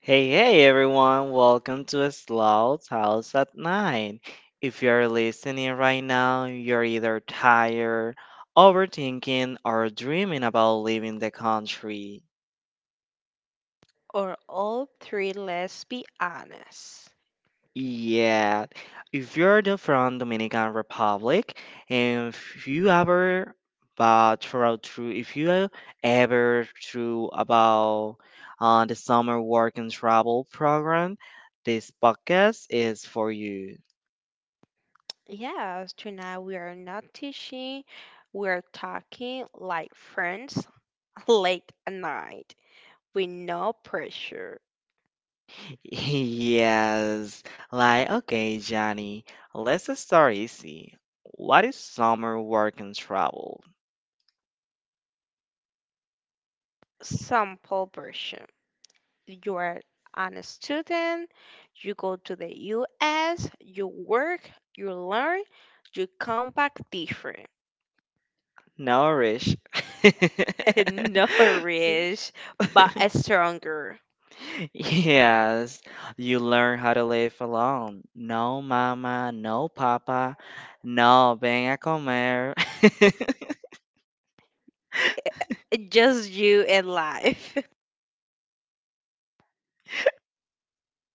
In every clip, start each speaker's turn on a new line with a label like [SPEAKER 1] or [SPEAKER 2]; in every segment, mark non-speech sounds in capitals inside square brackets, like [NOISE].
[SPEAKER 1] Hey, hey everyone, welcome to Slouch House at 9. If you're listening right now, you're either tired, overthinking, or dreaming about leaving the country.
[SPEAKER 2] Or all three, let's be honest.
[SPEAKER 1] Yeah, if you're the from Dominican Republic, and if you ever but through if you ever through about the summer work and travel program, this podcast is for you.
[SPEAKER 2] Yes, tonight we are not teaching, we're talking like friends [LAUGHS] late at night with no pressure.
[SPEAKER 1] [LAUGHS] Yes. Like, okay, Johnny, let's start easy. What is summer work and travel?
[SPEAKER 2] Sample version. You are a student, you go to the US, you work, you learn, you come back different.
[SPEAKER 1] Nourish. [LAUGHS]
[SPEAKER 2] [LAUGHS] No rich, but stronger.
[SPEAKER 1] Yes, you learn how to live alone. No mama, no papa, no ven a comer. [LAUGHS]
[SPEAKER 2] Just you and life.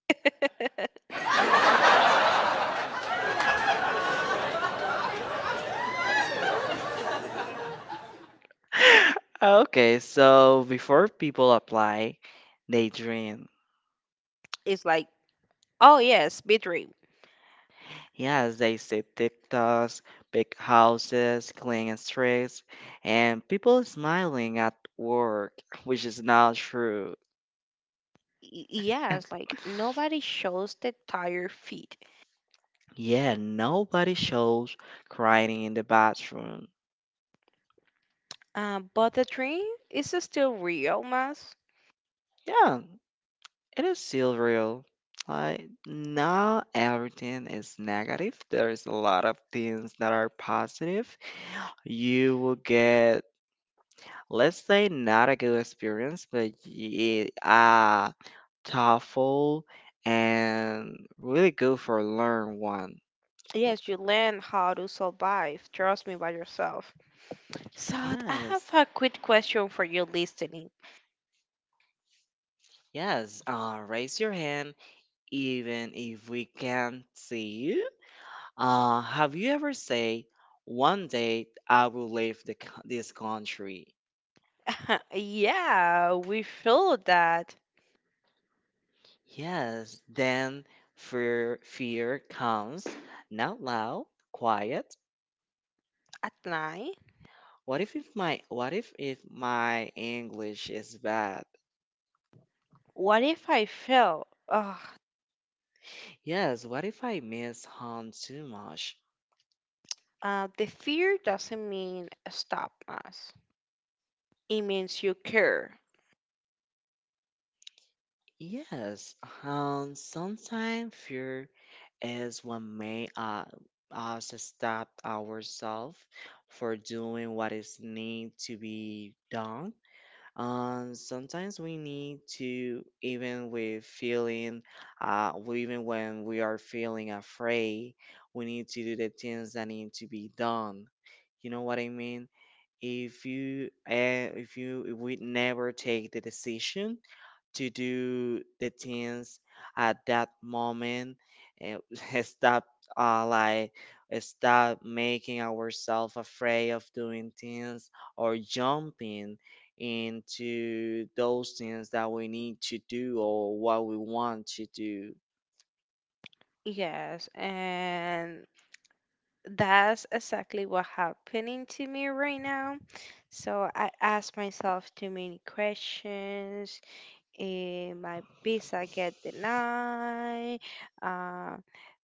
[SPEAKER 2] [LAUGHS]
[SPEAKER 1] Okay, so before people apply, they dream.
[SPEAKER 2] It's like, oh yes, dream.
[SPEAKER 1] Yeah, as they see TikToks, big houses, clean streets, and people smiling at work, [LAUGHS] which is not true.
[SPEAKER 2] Yeah, it's like nobody shows the tired feet.
[SPEAKER 1] Yeah, nobody shows crying in the bathroom.
[SPEAKER 2] But the dream is still real, Mas.
[SPEAKER 1] Yeah, it is still real. Like, not everything is negative. There's a lot of things that are positive. You will get, let's say, not a good experience, but yeah, TOEFL, and really go for learn one.
[SPEAKER 2] Yes, you learn how to survive. Trust me, by yourself. So I have
[SPEAKER 1] Yes,
[SPEAKER 2] a quick question for you listening.
[SPEAKER 1] yes. Raise your hand, even if we can't see you. Have you ever say, one day I will leave the, co- this country?
[SPEAKER 2] [LAUGHS] Yeah, we feel that
[SPEAKER 1] Yes, then fear comes, not loud, quiet.
[SPEAKER 2] at night.
[SPEAKER 1] What if my what if my English is bad?
[SPEAKER 2] What if I fail?
[SPEAKER 1] Yes, what if I miss home too much?
[SPEAKER 2] The fear doesn't mean stop us. It means you care.
[SPEAKER 1] Yes, sometimes fear is what may us stop ourselves for doing what is need to be done. Sometimes we need to, even with feeling, even when we are feeling afraid, we need to do the things that need to be done. You know what I mean? If you, if you, if we never take the decision to do the things at that moment and [LAUGHS] stop like stop making ourselves afraid of doing things or jumping into those things that we need to do or what we want to do.
[SPEAKER 2] Yes, and that's exactly what happening to me right now. So I ask myself too many questions. And my visa get denied. Uh,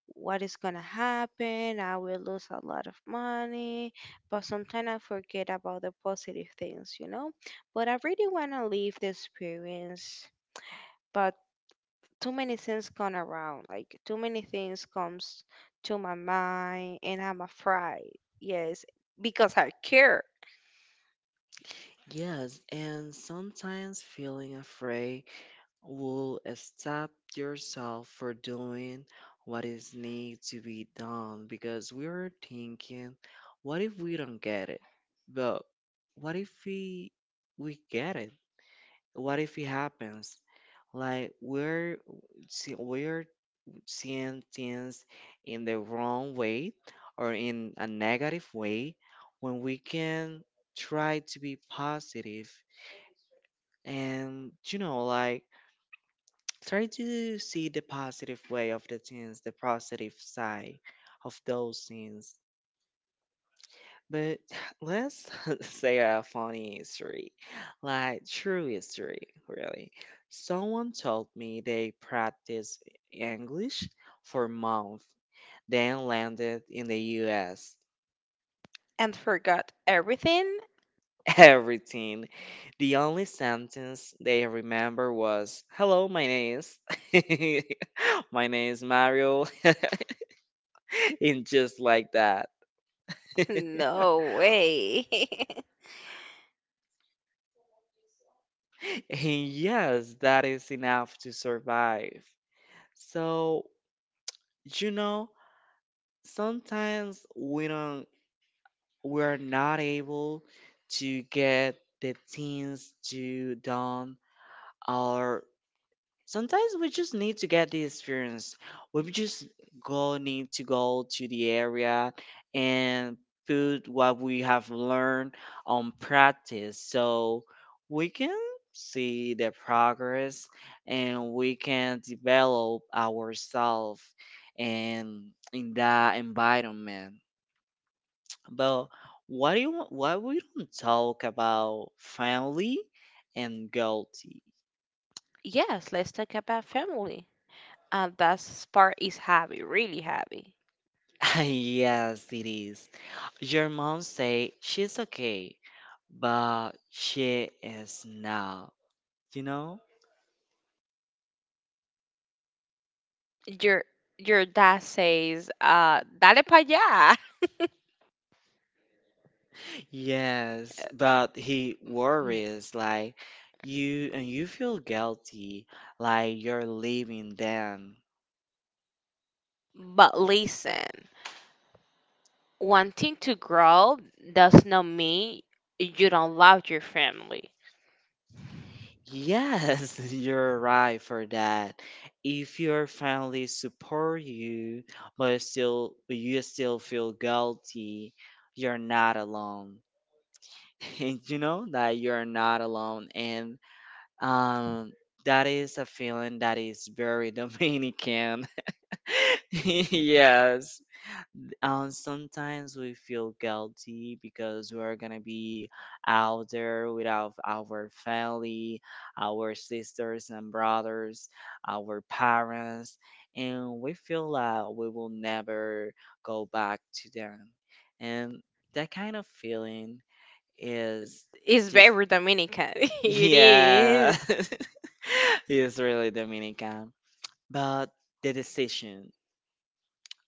[SPEAKER 2] what is gonna happen? I will lose a lot of money. But sometimes I forget about the positive things. But I really wanna live the experience. But too many things gone around. Like too many things comes to my mind, and I'm afraid. Yes, because I care
[SPEAKER 1] Yes, and sometimes feeling afraid will stop yourself for doing what is need to be done because we are thinking what if we don't get it, but what if we we get it, what if it happens, like we're seeing things in the wrong way or in a negative way when we can try to be positive. And you know, like, try to see the positive way of the things, the positive side of those things. But [SIGHS] let's [LAUGHS] say a funny history, like true history, really. Someone told me they practiced English for months, then landed in the US.
[SPEAKER 2] and forgot everything. [LAUGHS]
[SPEAKER 1] [LAUGHS] Everything. The only sentence they remember was, "Hello, my name is." [LAUGHS] My name is Mario. [LAUGHS] And just like that.
[SPEAKER 2] No way.
[SPEAKER 1] [LAUGHS] And yes, that is enough to survive. So, you know, sometimes we don't we are not able to get the things to done, or sometimes we just need to get the experience. We just go need to go to the area and put what we have learned on practice so we can see the progress and we can develop ourselves and in that environment. But what do you wa- what we don't talk about family and guilty?
[SPEAKER 2] [LAUGHS] Yes, let's talk about family. And that part is heavy, really heavy.
[SPEAKER 1] [LAUGHS] Yes, it is. Your mom say she's okay, but she is not, you know?
[SPEAKER 2] Your your dad says, "Dale pa allá,"
[SPEAKER 1] Yes, but he
[SPEAKER 2] [LAUGHS]
[SPEAKER 1] worries like you, and you feel guilty like you're leaving them.
[SPEAKER 2] but listen. Wanting to grow does not mean you don't love your family.
[SPEAKER 1] Yes, [LAUGHS] you're right for that. If your family support you, but still but you still feel guilty, you're not alone. [LAUGHS] And you know that you're not alone. And Um, that is a feeling that is very [LAUGHS] Dominican. [LAUGHS] Yes. Sometimes we feel guilty because we're gonna be out there without our family, our sisters and brothers, our parents, and we feel that we will never go back to them. And that kind of feeling is
[SPEAKER 2] It's
[SPEAKER 1] just
[SPEAKER 2] very Dominican. [LAUGHS] It
[SPEAKER 1] yeah. [LAUGHS]
[SPEAKER 2] is.
[SPEAKER 1] [LAUGHS] It's really Dominican. But the decision,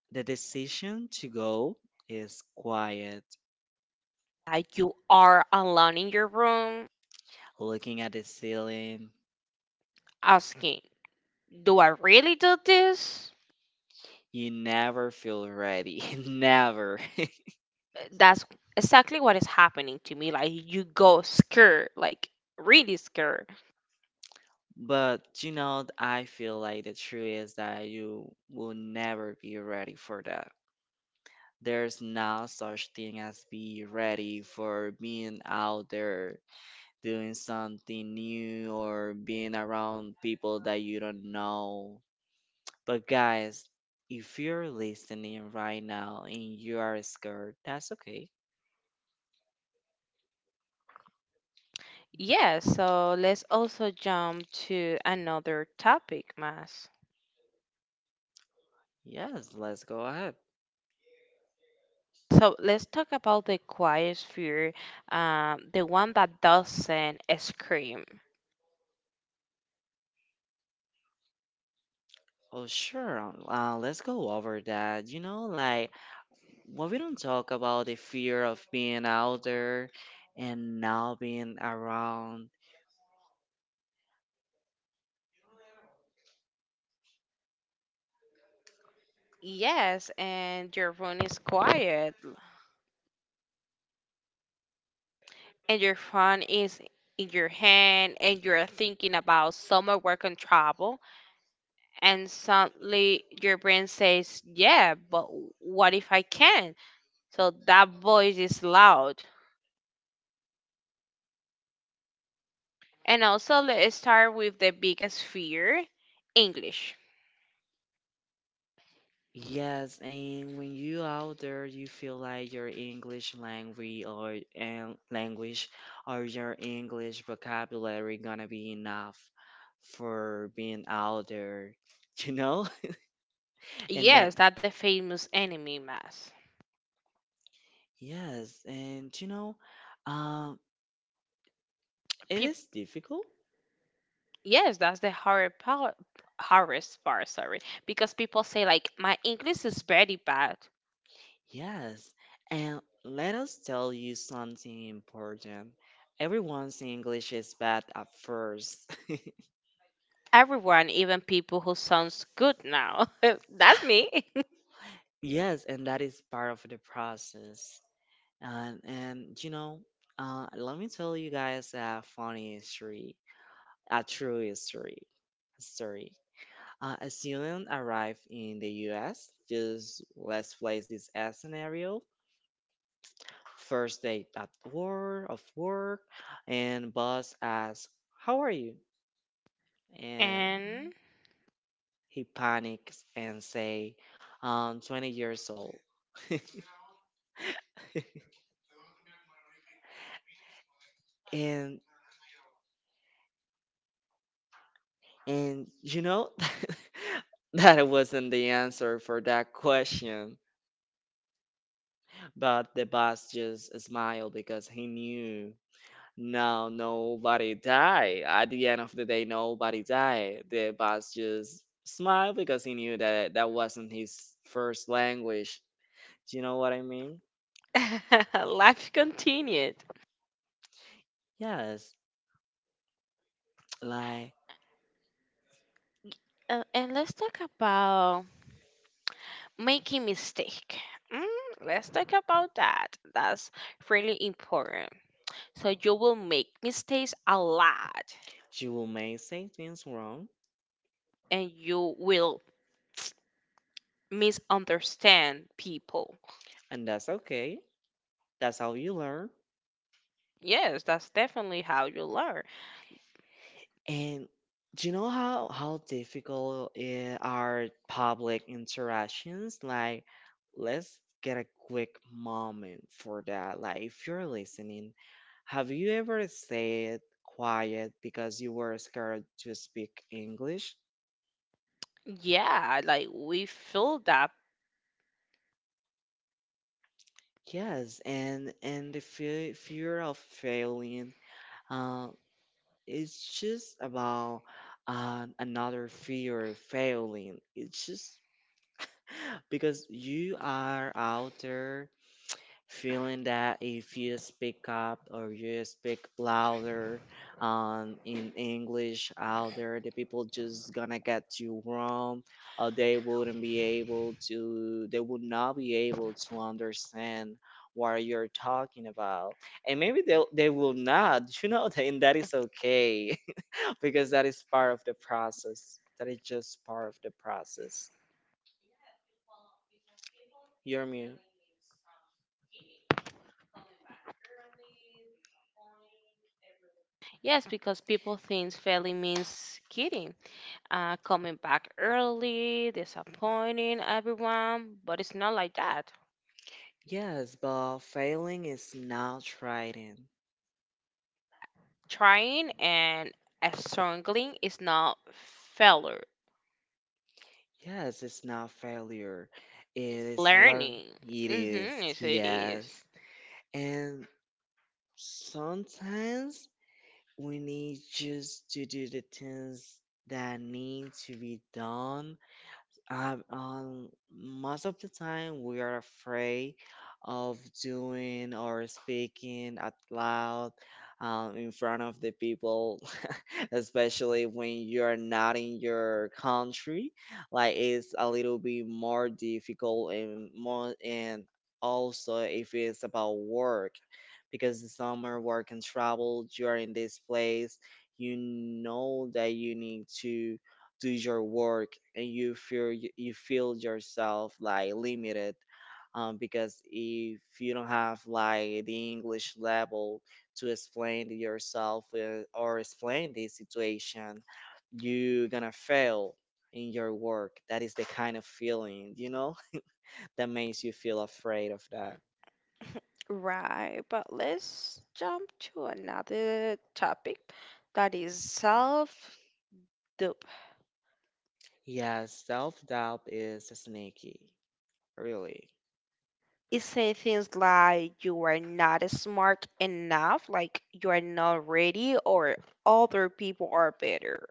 [SPEAKER 1] the decision to go is quiet.
[SPEAKER 2] Like you are alone in your room
[SPEAKER 1] Looking at the ceiling,
[SPEAKER 2] asking, do I really do this?
[SPEAKER 1] you never feel ready. [LAUGHS] Never.
[SPEAKER 2] That's exactly what is happening to me. Like you go scared, like really scared.
[SPEAKER 1] But you know, I feel like the truth is that you will never be ready for that. There's no such thing as be ready for being out there doing something new or being around people that you don't know. But guys, if you're listening right now and you are scared, that's okay.
[SPEAKER 2] Yeah, so let's also jump to another topic, Mas.
[SPEAKER 1] Yes, let's go ahead.
[SPEAKER 2] So let's talk about the quiet fear, the one that doesn't scream.
[SPEAKER 1] Oh, sure. Let's go over that. You know, like, when we don't talk about the fear of being out there and now being around.
[SPEAKER 2] Yes, and your phone is quiet, and your phone is in your hand, and you're thinking about summer work and travel, and suddenly your brain says, "Yeah, but what if I can?" So that voice is loud. And also, let's start with the biggest fear, English.
[SPEAKER 1] Yes, and when you out there, you feel like your English language or and language or your English vocabulary gonna be enough for being out there, [LAUGHS] you know? And
[SPEAKER 2] Yes,
[SPEAKER 1] that
[SPEAKER 2] that's the famous enemy mask.
[SPEAKER 1] yes, and you know, um, it is difficult.
[SPEAKER 2] Yes, that's the hard part, hardest part, sorry. Because people say like my English is very bad.
[SPEAKER 1] Yes, and let us tell you something important. Everyone's English is bad at first.
[SPEAKER 2] Everyone, even people who sounds good now. [LAUGHS] That's me. [LAUGHS]
[SPEAKER 1] Yes, and that is part of the process. And you know, let me tell you guys a funny history, a true history. Story. A student arrived in the U.S. Just let's place this as scenario: first day at work, of work, and boss asks, "How are you?"
[SPEAKER 2] And
[SPEAKER 1] And he panics and say, " 20 years old." [LAUGHS] and and you know [LAUGHS] that wasn't the answer for that question, but the boss just smiled because he knew. No, nobody died. At the end of the day, nobody died. The boss just smiled because he knew that that wasn't his first language. Do you know what I mean?
[SPEAKER 2] [LAUGHS] life continued.
[SPEAKER 1] Yes, like
[SPEAKER 2] And let's talk about making mistake. Mm, let's talk about that. That's really important. So you will make mistakes a lot,
[SPEAKER 1] you will may say things wrong,
[SPEAKER 2] and you will [TSK] misunderstand people.
[SPEAKER 1] and that's okay. That's how you learn.
[SPEAKER 2] Yes, that's definitely how you learn.
[SPEAKER 1] And do you know how difficult are public interactions? Like, let's get a quick moment for that. Like, if you're listening, have you ever stayed quiet because you were scared to speak English?
[SPEAKER 2] Yeah, like we feel that.
[SPEAKER 1] Yes, and the fear of failing, uh, it's just about another fear of failing. It's just because you are out there feeling that if you speak up or you speak louder, in english out there the people just gonna get you wrong, or they would not be able to understand what you're talking about, and maybe they will not, you know. [LAUGHS] And that is okay, [LAUGHS] because that is part of the process, that is just part of the process, you're mute.
[SPEAKER 2] Yes, because people think failing means quitting, coming back early, disappointing everyone, but it's not like that.
[SPEAKER 1] Yes, but failing is not trying.
[SPEAKER 2] Trying and struggling is not failure.
[SPEAKER 1] Yes, it's not failure. It is learn.
[SPEAKER 2] Learning,
[SPEAKER 1] It
[SPEAKER 2] mm-hmm,
[SPEAKER 1] is,
[SPEAKER 2] yes, it is.
[SPEAKER 1] yes. And sometimes we need just to do the things that need to be done. Most of the time, we are afraid of doing or speaking out loud, in front of the people, [LAUGHS] especially when you're not in your country. Like, it's a little bit more difficult and more, and also if it's about work, because the summer work and travel, you're in this place, you know that you need to do your work and you feel you feel yourself like limited, because if you don't have like the english level to explain to yourself or explain the situation, you're gonna fail in your work. That is the kind of feeling, you know, [LAUGHS] that makes you feel afraid of that.
[SPEAKER 2] Right, but let's jump to another topic that is self-doubt.
[SPEAKER 1] Yes, self-doubt is sneaky, really.
[SPEAKER 2] It say things like you are not smart enough, like you are not ready, or other people are better.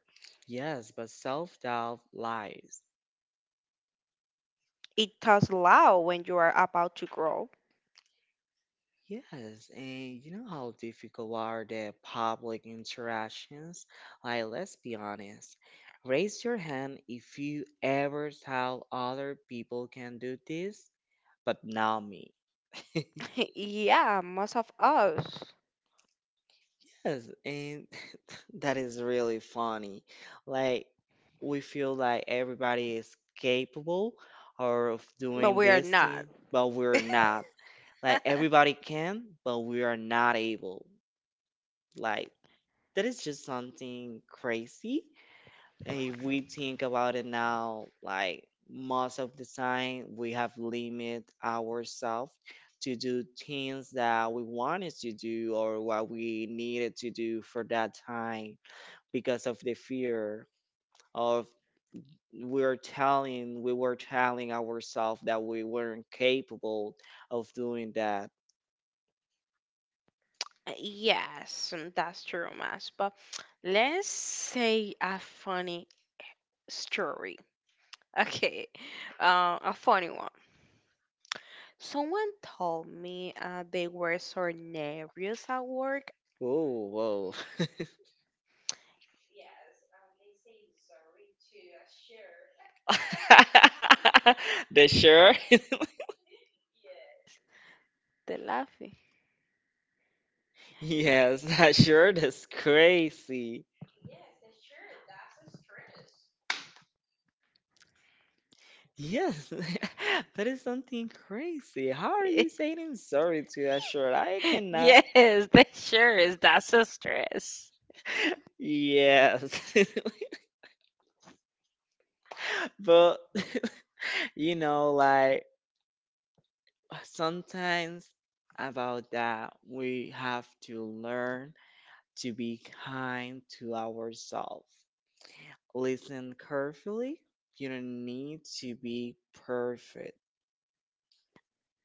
[SPEAKER 1] Yes, but self-doubt lies.
[SPEAKER 2] It talks loud when you are about to grow.
[SPEAKER 1] Yes, and you know how difficult are the public interactions? Like, let's be honest. Raise your hand if you ever thought other people can do this, but not me.
[SPEAKER 2] [LAUGHS] Yeah, most of us,
[SPEAKER 1] Yes, and [LAUGHS] that is really funny. Like, we feel like everybody is capable or of
[SPEAKER 2] but
[SPEAKER 1] doing
[SPEAKER 2] we are
[SPEAKER 1] this
[SPEAKER 2] not.
[SPEAKER 1] thing,
[SPEAKER 2] [LAUGHS]
[SPEAKER 1] but we're not. Like, everybody can, but we are not able. Like, that is just something crazy. If we think about it now, like most of the time, we have limit ourselves to do things that we wanted to do or what we needed to do for that time because of the fear of we were telling ourselves that we weren't capable of doing that.
[SPEAKER 2] Yes, mm, that's true, Mas. But let's say a funny story. [LAUGHS] Okay, a funny one. Someone told me they were so nervous at work.
[SPEAKER 1] Whoa, whoa. [LAUGHS] The sure.
[SPEAKER 2] The laughing.
[SPEAKER 1] Yes, [LAUGHS] that sure is crazy. Yes, [LAUGHS] that is something crazy. How are you saying
[SPEAKER 2] [LAUGHS]
[SPEAKER 1] I'm sorry to that shirt? I cannot.
[SPEAKER 2] Yes, that sure is. That's a stress.
[SPEAKER 1] Yes, [LAUGHS] but [LAUGHS] you know, like sometimes about that, we have to learn to be kind to ourselves. Listen carefully. You don't need to be perfect.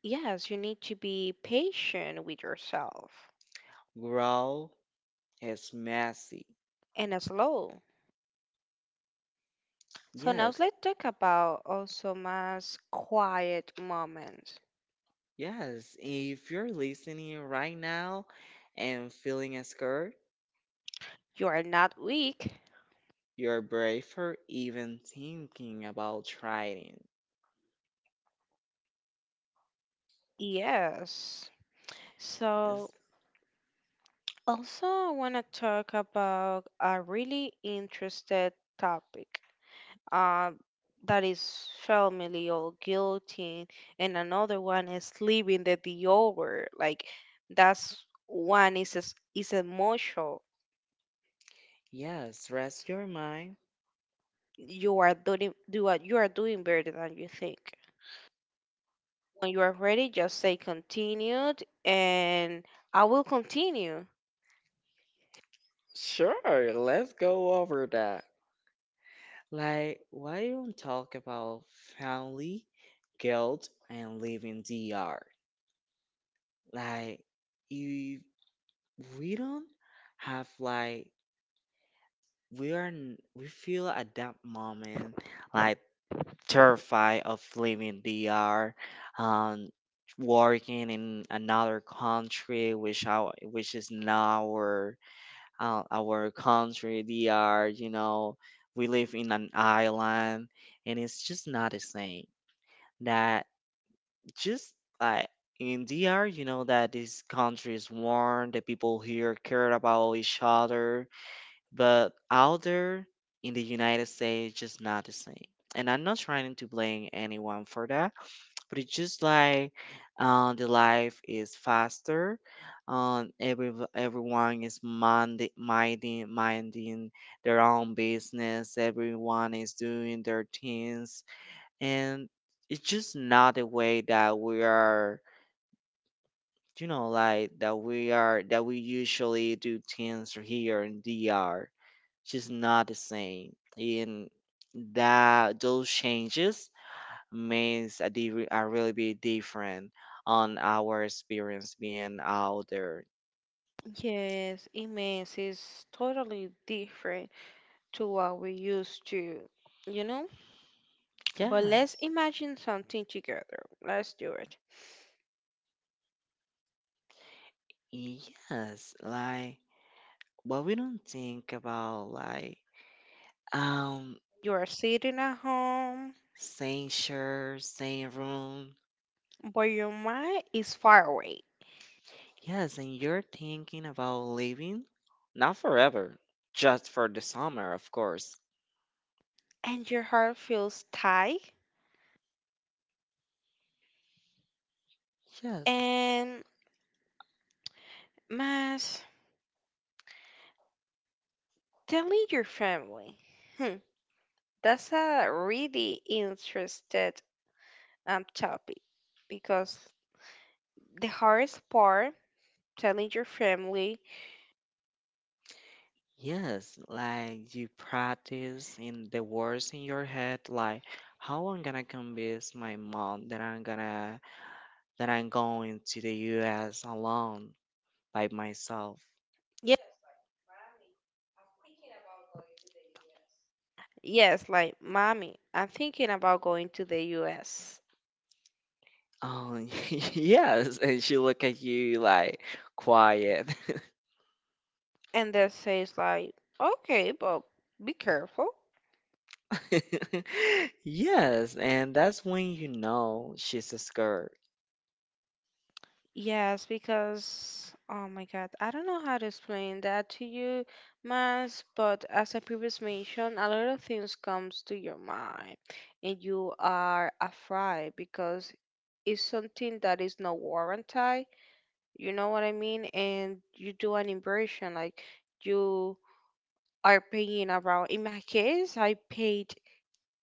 [SPEAKER 2] Yes, you need to be patient with yourself
[SPEAKER 1] Grow. It's messy.
[SPEAKER 2] and slow. So now
[SPEAKER 1] Yes,
[SPEAKER 2] let's talk about also mass quiet moments.
[SPEAKER 1] yes. If you're listening right now and feeling scared,
[SPEAKER 2] You are not weak.
[SPEAKER 1] you're brave for even thinking about trying.
[SPEAKER 2] Yes. So
[SPEAKER 1] Yes,
[SPEAKER 2] also I want to talk about a really interested topic. uh, that is familial guillotine, and another one is leaving the door, like that's one is emotional.
[SPEAKER 1] yes. Rest your mind.
[SPEAKER 2] You are you are doing better than you think. When you are ready, just say continued and I will continue.
[SPEAKER 1] Sure, let's go over that. Like, why don't talk about family, guilt, and living D.R. Like, if we don't have like we feel at that moment like terrified of leaving DR, um, working in another country which is not our our country DR. You know, we live in an island, and it's just not the same. That just like in DR, you know that this country is warm. The people here care about each other. But out there in the United States, it's just not the same. And I'm not trying to blame anyone for that, but it's just like the life is faster. Everyone is minding minding their own business. Everyone is doing their things, and it's just not the way that we are. You know, like that we usually do things here in DR, just not the same. And that those changes means a, di- a really be different on our experience being out there.
[SPEAKER 2] Yes, immense is totally different to what we used to, you know. But let's
[SPEAKER 1] Yes,
[SPEAKER 2] imagine something together. Let's do it.
[SPEAKER 1] yes. Like, but we don't think about like um
[SPEAKER 2] You are sitting at home,
[SPEAKER 1] same shirt, same room.
[SPEAKER 2] but your mind is far away,
[SPEAKER 1] Yes, and you're thinking about leaving, not forever, just for the summer, of course.
[SPEAKER 2] and your heart feels tight.
[SPEAKER 1] Yes.
[SPEAKER 2] And Mas, telling your family. Hmm, that's a really interested topic, because the hardest part, telling your family,
[SPEAKER 1] Yes, like you practice in the words in your head, like how I'm gonna convince my mom that I'm gonna that I'm going to the US alone by myself.
[SPEAKER 2] yeah, yes, like mommy, I'm thinking about going to the US.
[SPEAKER 1] Oh [LAUGHS] yes, and she look at you like quiet.
[SPEAKER 2] And they says like, okay, but be careful.
[SPEAKER 1] [LAUGHS] Yes, and that's when you know she's scared.
[SPEAKER 2] Yes, because oh my God, I don't know how to explain that to you, Mas, but as I previously mentioned, a lot of things comes to your mind, and you are afraid because it's something that is not warranted, you know what I mean? And you do an inversion, like you are paying around in my case, I paid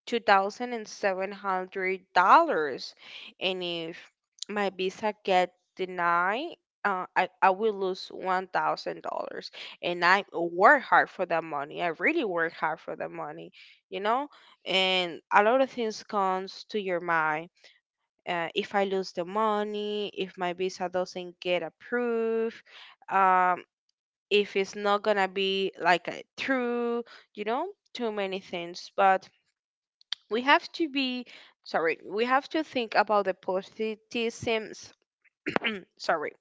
[SPEAKER 2] $2,700. And if my visa get denied, uh, I will lose $1,000. And I work hard for that money. I really work hard for that money, you know? And a lot of things comes to your mind. If I lose the money, if my visa doesn't get approved, um, if it's not gonna be like a true, you know, too many things. But we have to be, sorry, we have to think about the positivisms [CLEARS THROAT] sorry,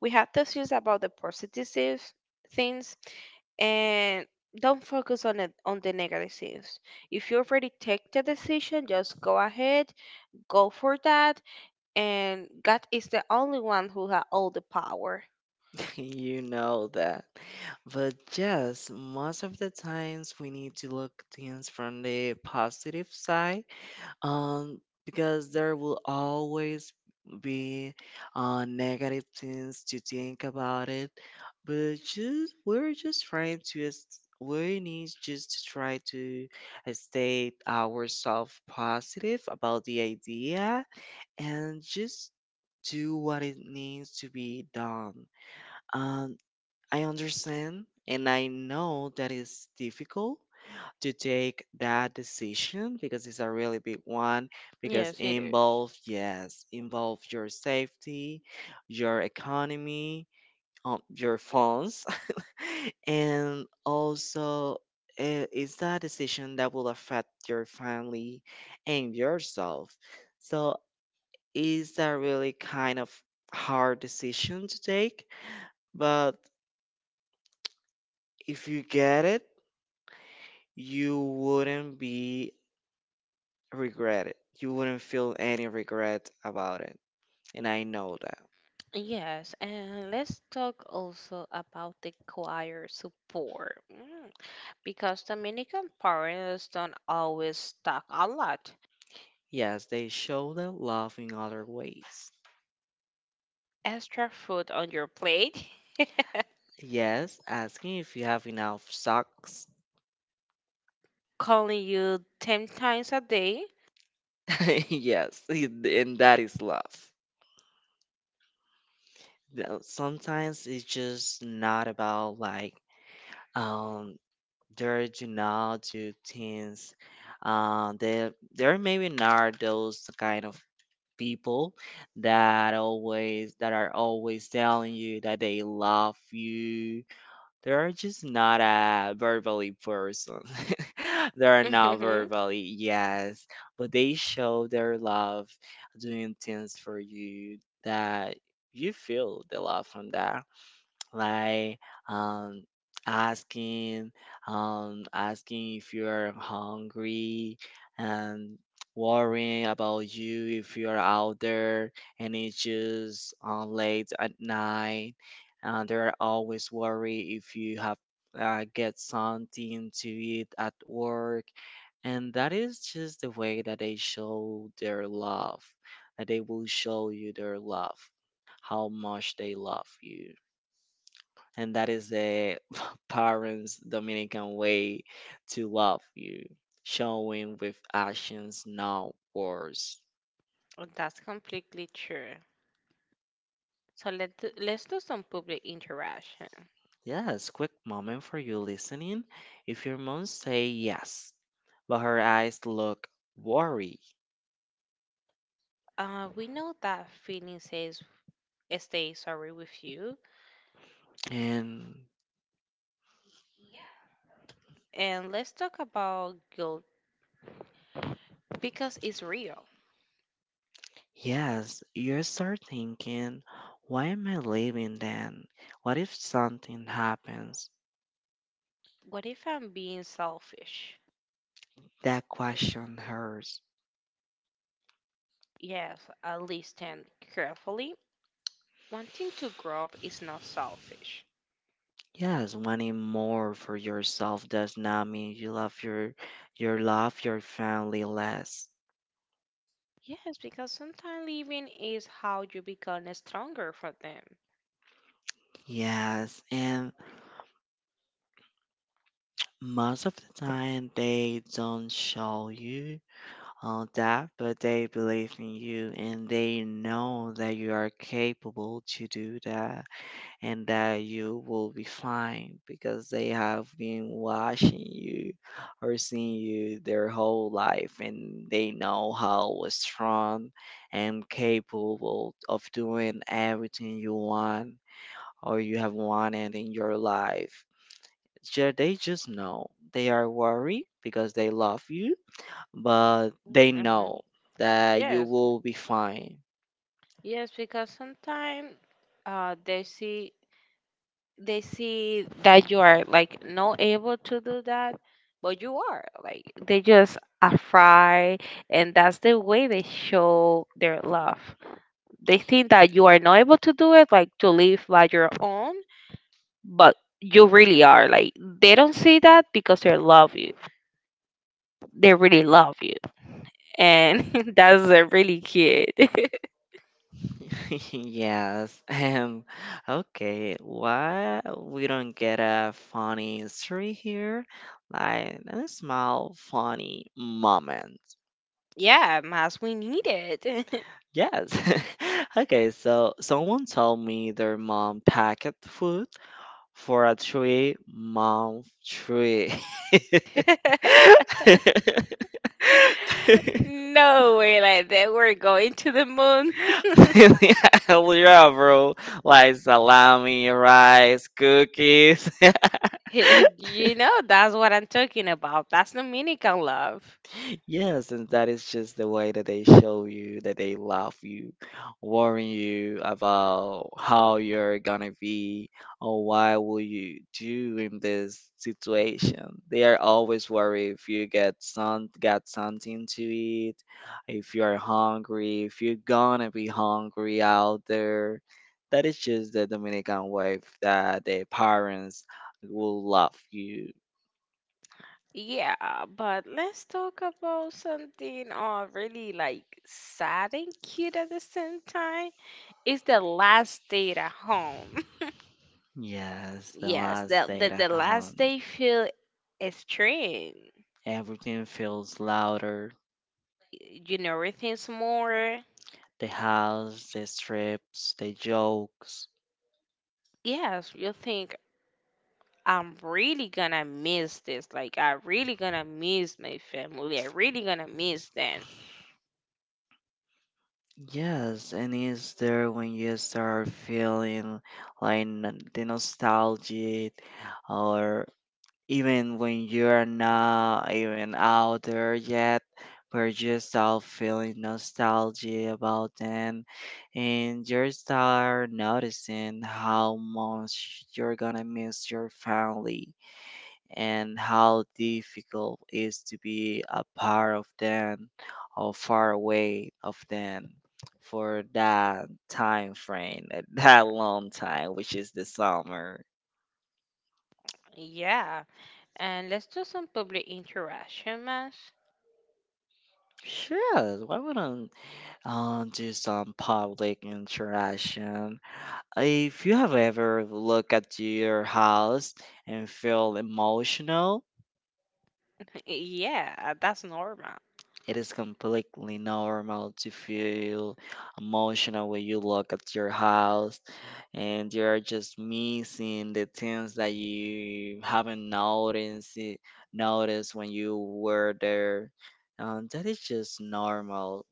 [SPEAKER 2] we have to think about the positive things, and don't focus on it, on the negatives. If you already take the decision, just go ahead, go for that. And God is the only one who has all the power.
[SPEAKER 1] [LAUGHS] You know that. But yes, most of the times we need to look things from the positive side, um, because there will always be negative things to think about it. But just we're just trying to we need just to try to stay ourselves positive about the idea and just do what it needs to be done. Um, I understand and I know that it's difficult to take that decision because it's a really big one because involve your safety, your economy, your funds [LAUGHS] and also it's that decision that will affect your family and yourself. So it's a really kind of hard decision to take, but if you get it you wouldn't be regretted. You wouldn't feel any regret about it. And I know that.
[SPEAKER 2] Yes, and let's talk also about the choir support. Mm. Because Dominican parents don't always stock a lot.
[SPEAKER 1] Yes, they show their love in other ways.
[SPEAKER 2] Extra food on your plate, [LAUGHS]
[SPEAKER 1] Yes, asking if you have enough socks.
[SPEAKER 2] calling you 10 times a day.
[SPEAKER 1] [LAUGHS] yes, and that is love. Now, sometimes it's just not about like um they do not do things. They're maybe not those kind of people that are always telling you that they love you. They are just not a verbally person. [LAUGHS] they are not
[SPEAKER 2] Mhm.
[SPEAKER 1] verbally, yes, but they show their love doing things for you that you feel the love from that like um asking asking if you're hungry, and worrying about you if you're out there, and it's just late at night. They're always worried if you have get something to eat at work, and that is just the way that they show their love, that they will show you their love, how much they love you. And that is the [LAUGHS] parents' Dominican way to love you, showing with actions, not words.
[SPEAKER 2] That's completely true. Let's do some public interaction.
[SPEAKER 1] Yes, quick moment for you listening. If your mom say yes, but her eyes look worried,
[SPEAKER 2] We know that feeling says stay sorry with you,
[SPEAKER 1] and
[SPEAKER 2] and let's talk about guilt because it's real.
[SPEAKER 1] yes, you start thinking, why am I leaving then? What if something happens?
[SPEAKER 2] What if I'm being selfish?
[SPEAKER 1] That question hurts.
[SPEAKER 2] Yes, I listen carefully. Wanting to grow is not selfish.
[SPEAKER 1] Yes, wanting more for yourself does not mean you love your family less.
[SPEAKER 2] Yes, because sometimes living is how you become stronger for them.
[SPEAKER 1] Yes, and most of the time they don't show you all that, but they believe in you and they know that you are capable to do that, and that you will be fine because they have been watching you or seeing you their whole life, and they know how strong and capable of doing everything you want or you have wanted in your life. They just know they are worried because they love you, but they
[SPEAKER 2] Hmm.
[SPEAKER 1] know that you
[SPEAKER 2] Yes,
[SPEAKER 1] will be fine.
[SPEAKER 2] yes, because sometimes uh, they see they see that you are like not able to do that, but you are like they just are afraid, and that's the way they show their love. They think that you are not able to do it, like to live by your own, but you really are, like they don't see that because they love you, they really love you, and [LAUGHS] that's really cute.
[SPEAKER 1] [LAUGHS] Yes. Okay. Why we don't get a funny story here? Like a small funny moment.
[SPEAKER 2] [LAUGHS] Yeah, Mas, we need it.
[SPEAKER 1] Yes. [LAUGHS] Okay, so someone told me their mom packed food for a three-month trip.
[SPEAKER 2] [LAUGHS]
[SPEAKER 1] [LAUGHS] [LAUGHS]
[SPEAKER 2] No way, like that we're going to the moon.
[SPEAKER 1] Hell yeah, bro. Like salami, rice, cookies. [LAUGHS]
[SPEAKER 2] [LAUGHS] You know, that's what I'm talking about. That's Dominican love.
[SPEAKER 1] Yes, and that is just the way that they show you that they love you, warn you about how you're gonna be or why will you do in this situation. They are always worried if you get some got something to eat, if you're hungry, if you're gonna be hungry out there. That is just the Dominican way that the parents will love you.
[SPEAKER 2] Yeah, but let's talk about something really, like, sad and cute at the same time. It's the last day at home. [LAUGHS]
[SPEAKER 1] Yes, the
[SPEAKER 2] Yes,
[SPEAKER 1] last
[SPEAKER 2] the, the,
[SPEAKER 1] date
[SPEAKER 2] the
[SPEAKER 1] at the
[SPEAKER 2] last
[SPEAKER 1] home.
[SPEAKER 2] day feel extreme.
[SPEAKER 1] Everything feels louder.
[SPEAKER 2] You know, everything's more.
[SPEAKER 1] The house, the strips, the jokes.
[SPEAKER 2] Yes, you think I'm really gonna miss this. Like, I really gonna miss my family. I really gonna miss them.
[SPEAKER 1] Yes, and it's there when you start feeling like the nostalgia, or even when you're not even out there yet, we're just all feeling nostalgia about them, and you start noticing how much you're gonna miss your family, and how difficult it is to be a part of them or far away of them for that time frame, [LAUGHS] that long time, which is the summer.
[SPEAKER 2] Yeah, and let's do some public interaction, man.
[SPEAKER 1] Sure, why wouldn't do some public interaction. If you have ever looked at your house and feel emotional,
[SPEAKER 2] [LAUGHS] Yeah, that's normal.
[SPEAKER 1] it is completely normal to feel emotional when you look at your house and you're just missing the things that you haven't noticed when you were there. That is just normal.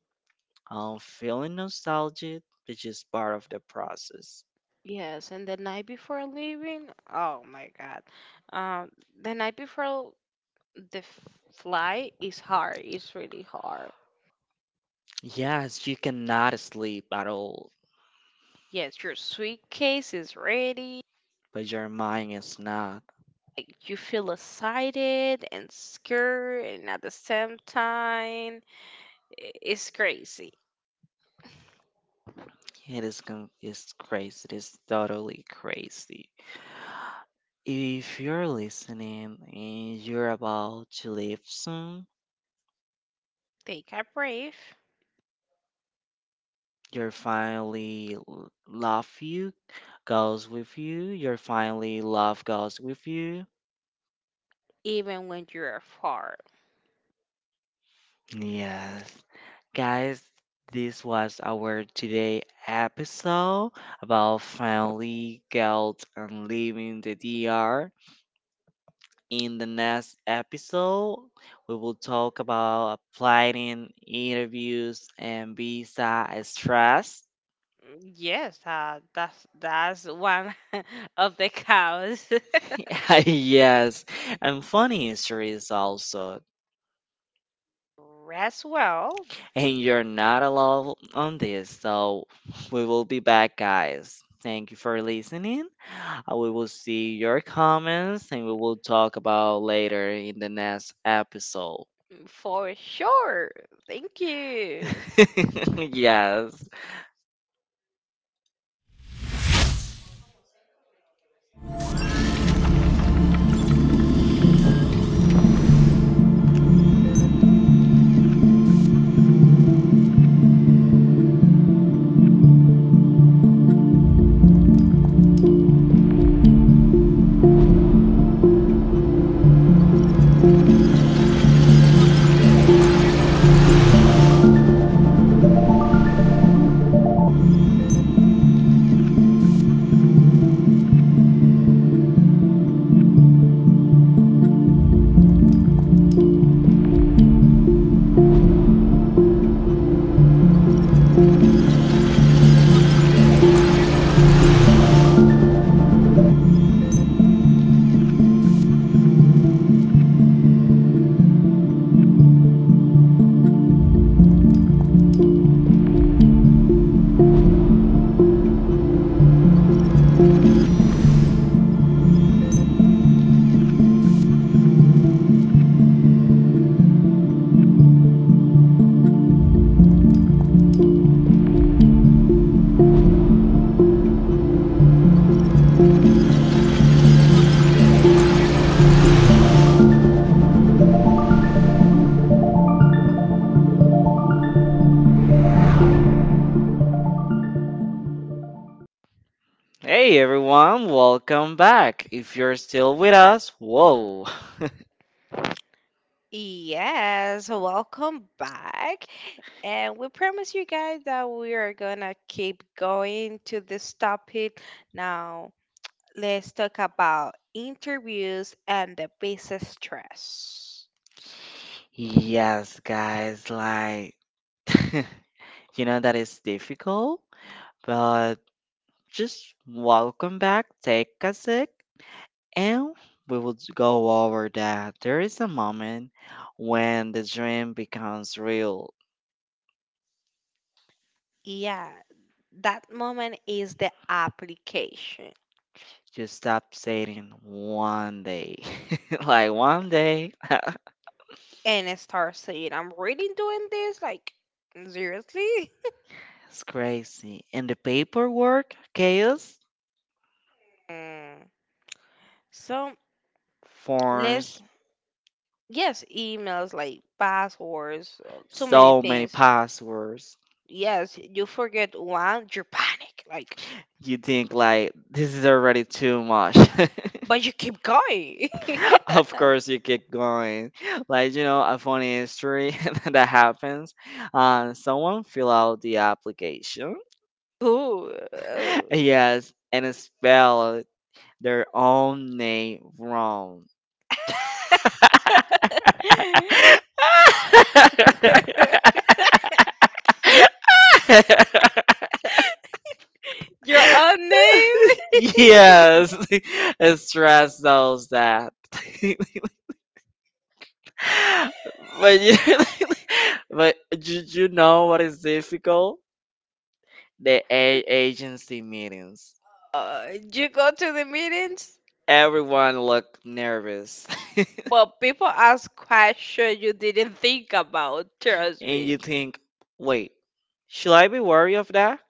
[SPEAKER 1] Feeling nostalgic is just part of the process.
[SPEAKER 2] Yes, and the night before leaving, oh my God. Um, the night before flight is hard. It's really hard.
[SPEAKER 1] Yes, you cannot sleep at all,
[SPEAKER 2] Yes, your suitcase is ready.
[SPEAKER 1] but your mind is not.
[SPEAKER 2] Like, you feel excited and scared, and at the same time, it's crazy.
[SPEAKER 1] It's crazy. It is totally crazy. If you're listening and you're about to leave soon,
[SPEAKER 2] Take a breath,
[SPEAKER 1] your family love you, goes with you. Your family love goes with you.
[SPEAKER 2] even when you're far.
[SPEAKER 1] Yes, guys, this was our today episode about family guilt and leaving the DR. In the next episode, we will talk about applying interviews and visa stress.
[SPEAKER 2] Mm, yes, that's one [LAUGHS] of the cows.
[SPEAKER 1] [LAUGHS] yes, and funny histories also.
[SPEAKER 2] [LAUGHS] Rest well,
[SPEAKER 1] And you're not alone on this, so we will be back, guys. Thank you for listening. We will see your comments and we will talk about later in the next episode.
[SPEAKER 2] for sure. Thank you.
[SPEAKER 1] [LAUGHS] yes. Hey everyone, welcome back. If you're still with us, whoa.
[SPEAKER 2] Yes, welcome back. And we promise you guys that we are gonna keep going to this topic. Now, let's talk about interviews and the business stress.
[SPEAKER 1] [LAUGHS] yes, guys, like, [LAUGHS] you know that is difficult, but just welcome back, take a sec, and we will go over that. There is a moment when the dream becomes real.
[SPEAKER 2] Yeah, that moment is the application.
[SPEAKER 1] You stop saying one day, [LAUGHS] like one day. [LAUGHS]
[SPEAKER 2] And I start saying, I'm really doing this? Like, seriously? [LAUGHS]
[SPEAKER 1] It's crazy. And the paperwork chaos
[SPEAKER 2] Mm. So, let's
[SPEAKER 1] forms,
[SPEAKER 2] Yes, emails like passwords, too many
[SPEAKER 1] so many
[SPEAKER 2] things.
[SPEAKER 1] passwords.
[SPEAKER 2] Yes, you forget one, you panic, like,
[SPEAKER 1] You think like this is already too much.
[SPEAKER 2] but you keep going. [LAUGHS]
[SPEAKER 1] [LAUGHS] of course, you keep going. Like you know, a funny history [LAUGHS] that happens. Someone fill out the application.
[SPEAKER 2] Ooh, oh.
[SPEAKER 1] [LAUGHS] yes, and spell their own name wrong.
[SPEAKER 2] [LAUGHS]
[SPEAKER 1] [LAUGHS]
[SPEAKER 2] Your own name? [LAUGHS]
[SPEAKER 1] yes, [LAUGHS] stress knows that. [LAUGHS] [LAUGHS] But you [LAUGHS] but do you know what is difficult? The A agency meetings.
[SPEAKER 2] You go to the meetings,
[SPEAKER 1] Everyone look nervous,
[SPEAKER 2] but people ask questions you didn't think about,
[SPEAKER 1] [LAUGHS]
[SPEAKER 2] trust
[SPEAKER 1] and
[SPEAKER 2] me.
[SPEAKER 1] you think, wait, should I be worried of that?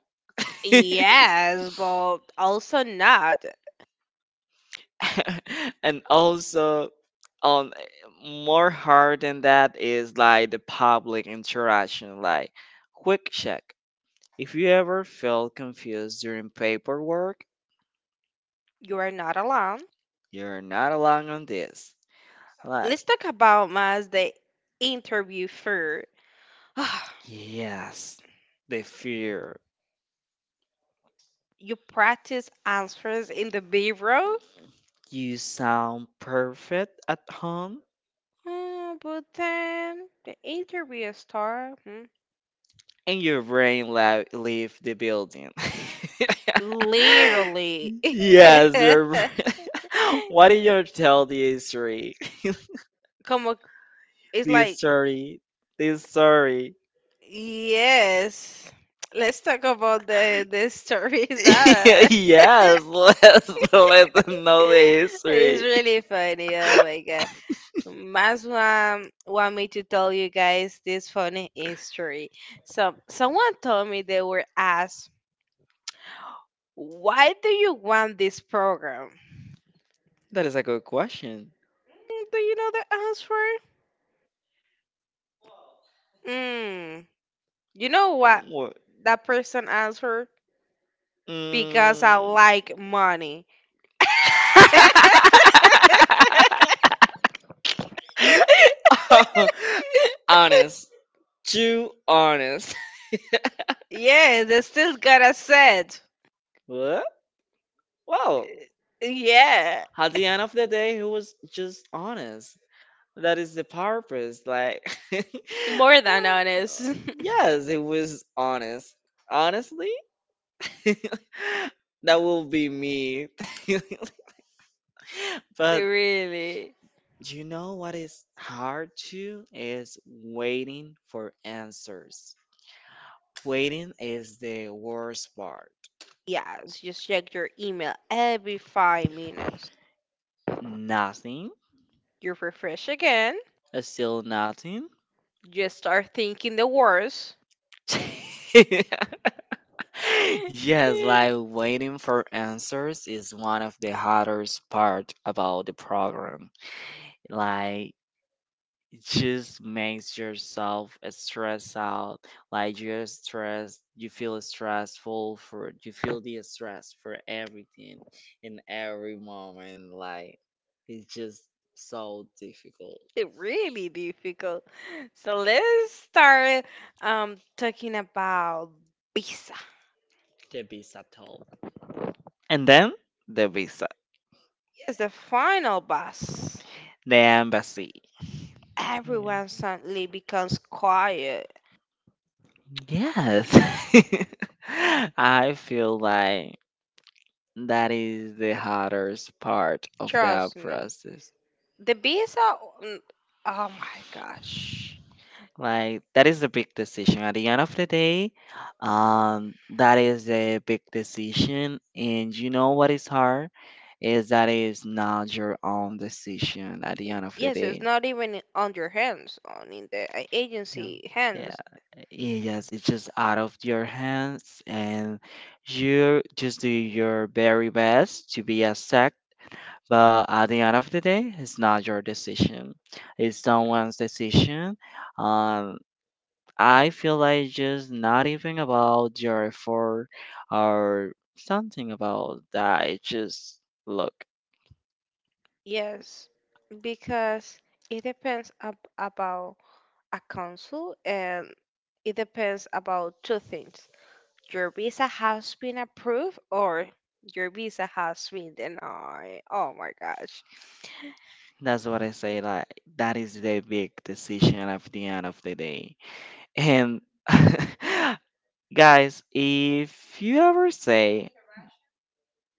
[SPEAKER 2] Yes, but also not.
[SPEAKER 1] [LAUGHS] and also on more hard than that is like the public interaction, like quick check, if you ever feel confused during paperwork,
[SPEAKER 2] You are not alone.
[SPEAKER 1] you're not alone on this. Like,
[SPEAKER 2] Let's talk about Maz the interview first. [SIGHS] Ah,
[SPEAKER 1] yes, the fear.
[SPEAKER 2] you practice answers in the bureau,
[SPEAKER 1] You sound perfect at home,
[SPEAKER 2] but then the interview starts. Hmm?
[SPEAKER 1] and your brain leave the building.
[SPEAKER 2] Literally.
[SPEAKER 1] [LAUGHS] yes,
[SPEAKER 2] [LAUGHS]
[SPEAKER 1] [LAUGHS] what did you tell the story? [LAUGHS]
[SPEAKER 2] Como, it's
[SPEAKER 1] The
[SPEAKER 2] like,
[SPEAKER 1] story. The story.
[SPEAKER 2] yes. Let's talk about the
[SPEAKER 1] [LAUGHS]
[SPEAKER 2] stories. Ah. [LAUGHS]
[SPEAKER 1] yes, let's let them know the
[SPEAKER 2] It's
[SPEAKER 1] history.
[SPEAKER 2] really funny. Oh my god. Maswa want me to tell you guys this funny history. So someone told me they were asked, "Why do you want this program?"
[SPEAKER 1] That is a good question.
[SPEAKER 2] Mm, do you know the answer? Mm, you know what
[SPEAKER 1] What?
[SPEAKER 2] that person answered? Because I
[SPEAKER 1] Mm.
[SPEAKER 2] like money. [LAUGHS]
[SPEAKER 1] [LAUGHS] Honest. Too honest. [LAUGHS]
[SPEAKER 2] Yeah, they still got to said.
[SPEAKER 1] What? Well,
[SPEAKER 2] Yeah,
[SPEAKER 1] at the end of the day, he was just honest. That is the purpose. Like, [LAUGHS]
[SPEAKER 2] more than honest.
[SPEAKER 1] well, yes, it was honest. Honestly, [LAUGHS] that will be me.
[SPEAKER 2] [LAUGHS]
[SPEAKER 1] [LAUGHS] but
[SPEAKER 2] Really.
[SPEAKER 1] you know what is hard too is waiting for answers. Waiting is the worst part.
[SPEAKER 2] Yes, just check your email every 5 minutes.
[SPEAKER 1] Nothing,
[SPEAKER 2] You refresh again,
[SPEAKER 1] still nothing.
[SPEAKER 2] just start thinking the worst.
[SPEAKER 1] [LAUGHS] yes, like
[SPEAKER 2] [LAUGHS]
[SPEAKER 1] waiting for answers is one of the hardest part about the program. Like just makes yourself stress out. Like you're stressed, you feel stressful for you feel the stress for everything in every moment. Like it's just so difficult.
[SPEAKER 2] It's really difficult. So let's start talking about visa.
[SPEAKER 1] The visa toll. And then the visa.
[SPEAKER 2] It's the final bus.
[SPEAKER 1] The embassy. Yeah.
[SPEAKER 2] Everyone suddenly becomes quiet.
[SPEAKER 1] Yes. [LAUGHS] I feel like that is the hardest part of the
[SPEAKER 2] Trust me.
[SPEAKER 1] process,
[SPEAKER 2] The visa, mm, oh my gosh.
[SPEAKER 1] like that is a big decision at the end of the day, um, that is a big decision, and you know what is hard is that is not your own decision at the end of the
[SPEAKER 2] Yes, it's
[SPEAKER 1] day.
[SPEAKER 2] not even on your hands, on in the
[SPEAKER 1] Yeah,
[SPEAKER 2] agency
[SPEAKER 1] yeah,
[SPEAKER 2] hands.
[SPEAKER 1] yes, it's just out of your hands, and you just do your very best to be exact. But at the end of the day, it's not your decision. It's someone's decision. Um, I feel like just not even about your effort or something about that. It's just look.
[SPEAKER 2] Yes, because it depends ab about a council, and it depends about two things. Your visa has been approved, or your visa has been denied. Oh my gosh.
[SPEAKER 1] That's what I say. Like that is the big decision at the end of the day. And [LAUGHS] guys, if you ever say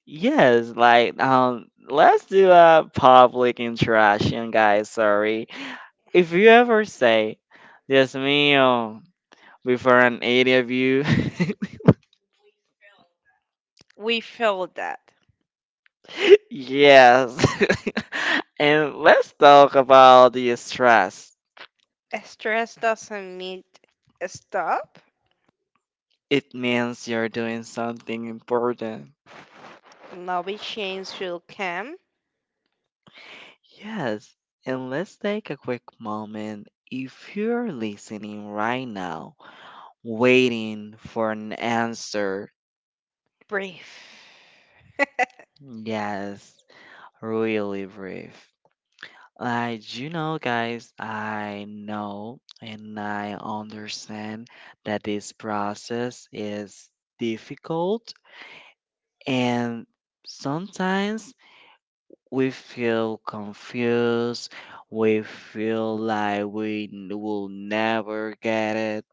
[SPEAKER 1] yes, like let's do a public interaction, guys. Sorry. If you ever say, Dios mío, before an interview,
[SPEAKER 2] We feel that.
[SPEAKER 1] [LAUGHS] yes. [LAUGHS] and let's talk about the stress.
[SPEAKER 2] Stress doesn't mean stop.
[SPEAKER 1] It means you're doing something important.
[SPEAKER 2] Lobby change will come.
[SPEAKER 1] Yes, and let's take a quick moment. If you're listening right now, waiting for an answer,
[SPEAKER 2] Brave.
[SPEAKER 1] yes, really brief. Like, you know, guys, I know and I understand that this process is difficult, and sometimes we feel confused, we feel like will never get it.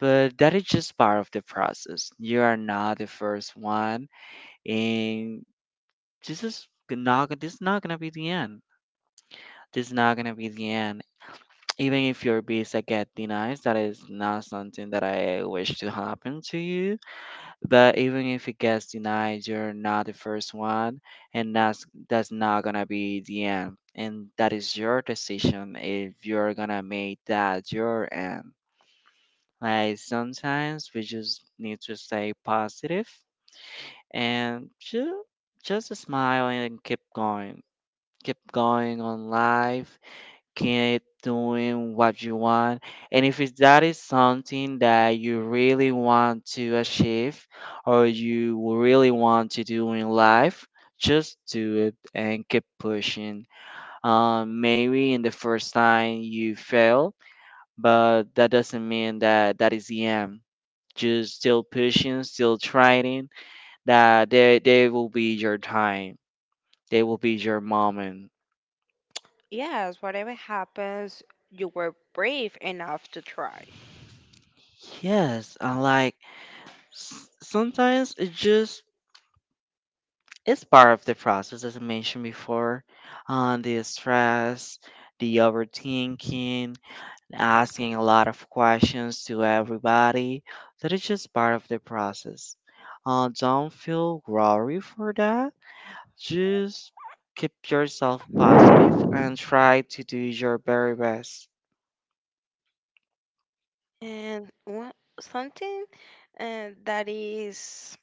[SPEAKER 1] But that is just part of the process. You are not the first one, and this is not gonna be the end. This is not gonna be the end even if your visa get denied, that is not something that I wish to happen to you. But even if it gets denied, you're not the first one, and that's not gonna be the end. And that is your decision if you're gonna make that your end. Like sometimes we just need to stay positive and just smile and keep going on life, keep doing what you want. And if it- that is something that you really want to achieve or you really want to do in life, just do it and keep pushing. Maybe in the first time you fail, but that doesn't mean that that is the end. Just still pushing, still trying, they will be your time. They will be your moment.
[SPEAKER 2] Yes, whatever happens, you were brave enough to try.
[SPEAKER 1] Yes, I like sometimes it just it's part of the process as I mentioned before. The stress, the overthinking, asking a lot of questions to everybody, that is just part of the process. Don't feel worry for that, just keep yourself positive and try to do your very best.
[SPEAKER 2] And one, something that is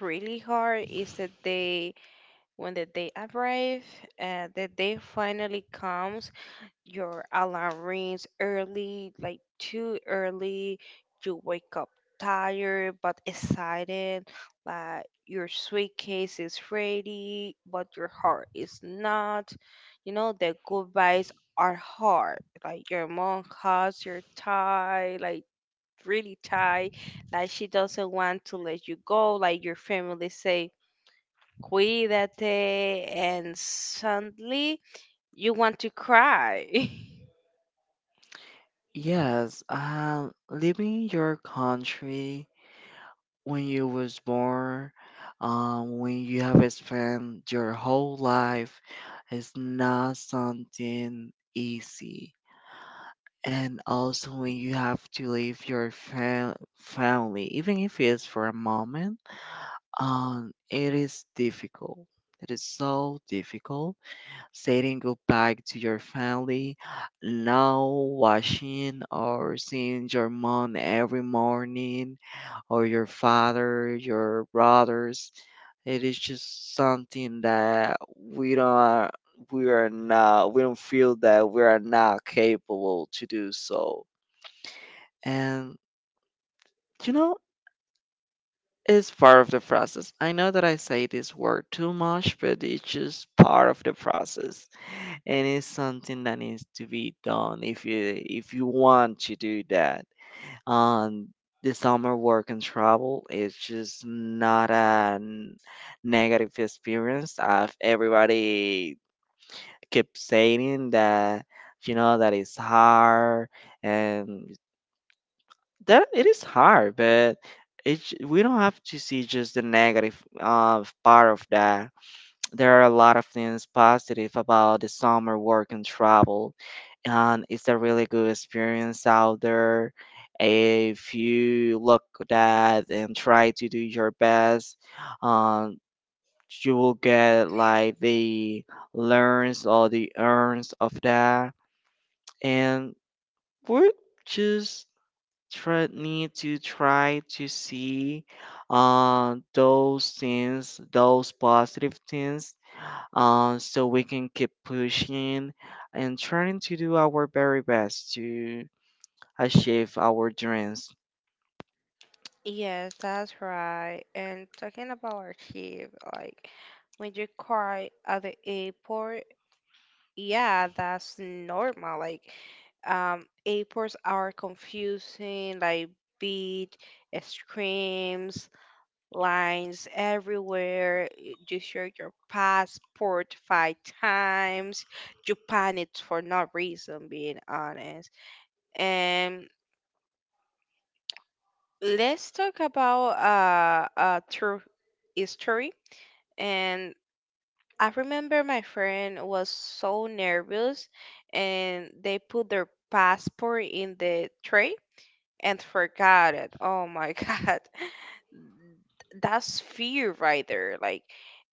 [SPEAKER 2] really hard is the day when the day arrive, the day finally comes. Your alarm rings early, like too early. You wake up tired but excited, like your suitcase is ready, but your heart is not. You know, the goodbyes are hard. Like your mom has your tie, like really tight, like she doesn't want to let you go, like your family say, Cuídate, and suddenly you want to cry. [LAUGHS]
[SPEAKER 1] Yes, leaving your country when you was born, when you have spent your whole life, is not something easy. And also when you have to leave your family, even if it's for a moment, it is difficult. It is so difficult saying goodbye to your family, now washing or seeing your mom every morning, or your father, your brothers. It is just something that we don't feel that we are not capable to do so. And you know, it's part of the process. I know that I say this word too much, but it's just part of the process. And it's something that needs to be done if you want to do that. Um, the summer work and travel is just not a negative experience. Everybody keeps saying that, you know, that it's hard and that it is hard, but we don't have to see just the negative part of that. There are a lot of things positive about the summer work and travel, and it's a really good experience out there. If you look that and try to do your best, um, you will get like the learns or the earns of that, and we just try need to try to see those things, those positive things, so we can keep pushing and trying to do our very best to achieve our dreams.
[SPEAKER 2] Yes, that's right. And talking about our chief, like when you cry at the airport, yeah, that's normal. Like, airports are confusing, like beat, screams, lines everywhere. You show your passport five times. You panic for no reason, being honest. And let's talk about true history. And I remember my friend was so nervous and they put their passport in the tray and forgot it. Oh my [LAUGHS] God. That's fear right there. Like,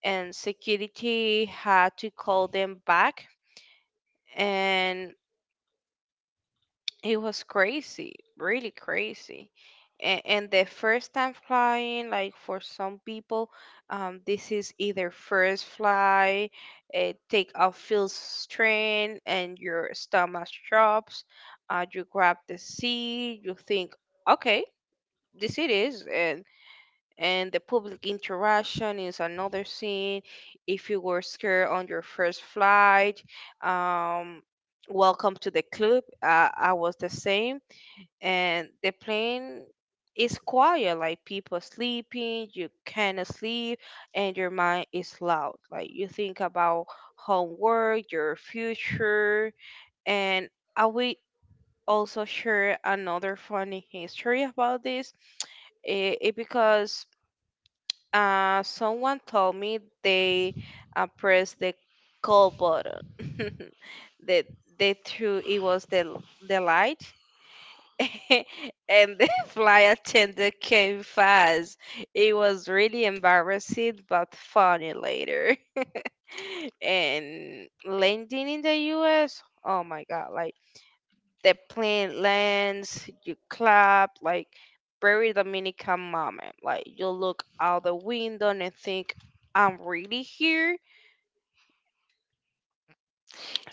[SPEAKER 2] and security had to call them back. And it was crazy, really crazy. And the first time flying, like for some people, this is either first fly, take off feels strain, and your stomach drops. You grab the seat, you think, okay, this it is, and the public interaction is another scene. If you were scared on your first flight, um, welcome to the club. I was the same, and the plane is quiet, like people sleeping, you cannot sleep, and your mind is loud, like you think about homework, your future. And I will also share another funny history about this. It because someone told me they pressed the call button [LAUGHS] that they threw it was the light. [LAUGHS] And the [LAUGHS] flight attendant came fast. It was really embarrassing but funny later. [LAUGHS] And landing in the US, oh my god, like the plane lands, you clap, like very Dominican moment. Like you look out the window and think, I'm really here.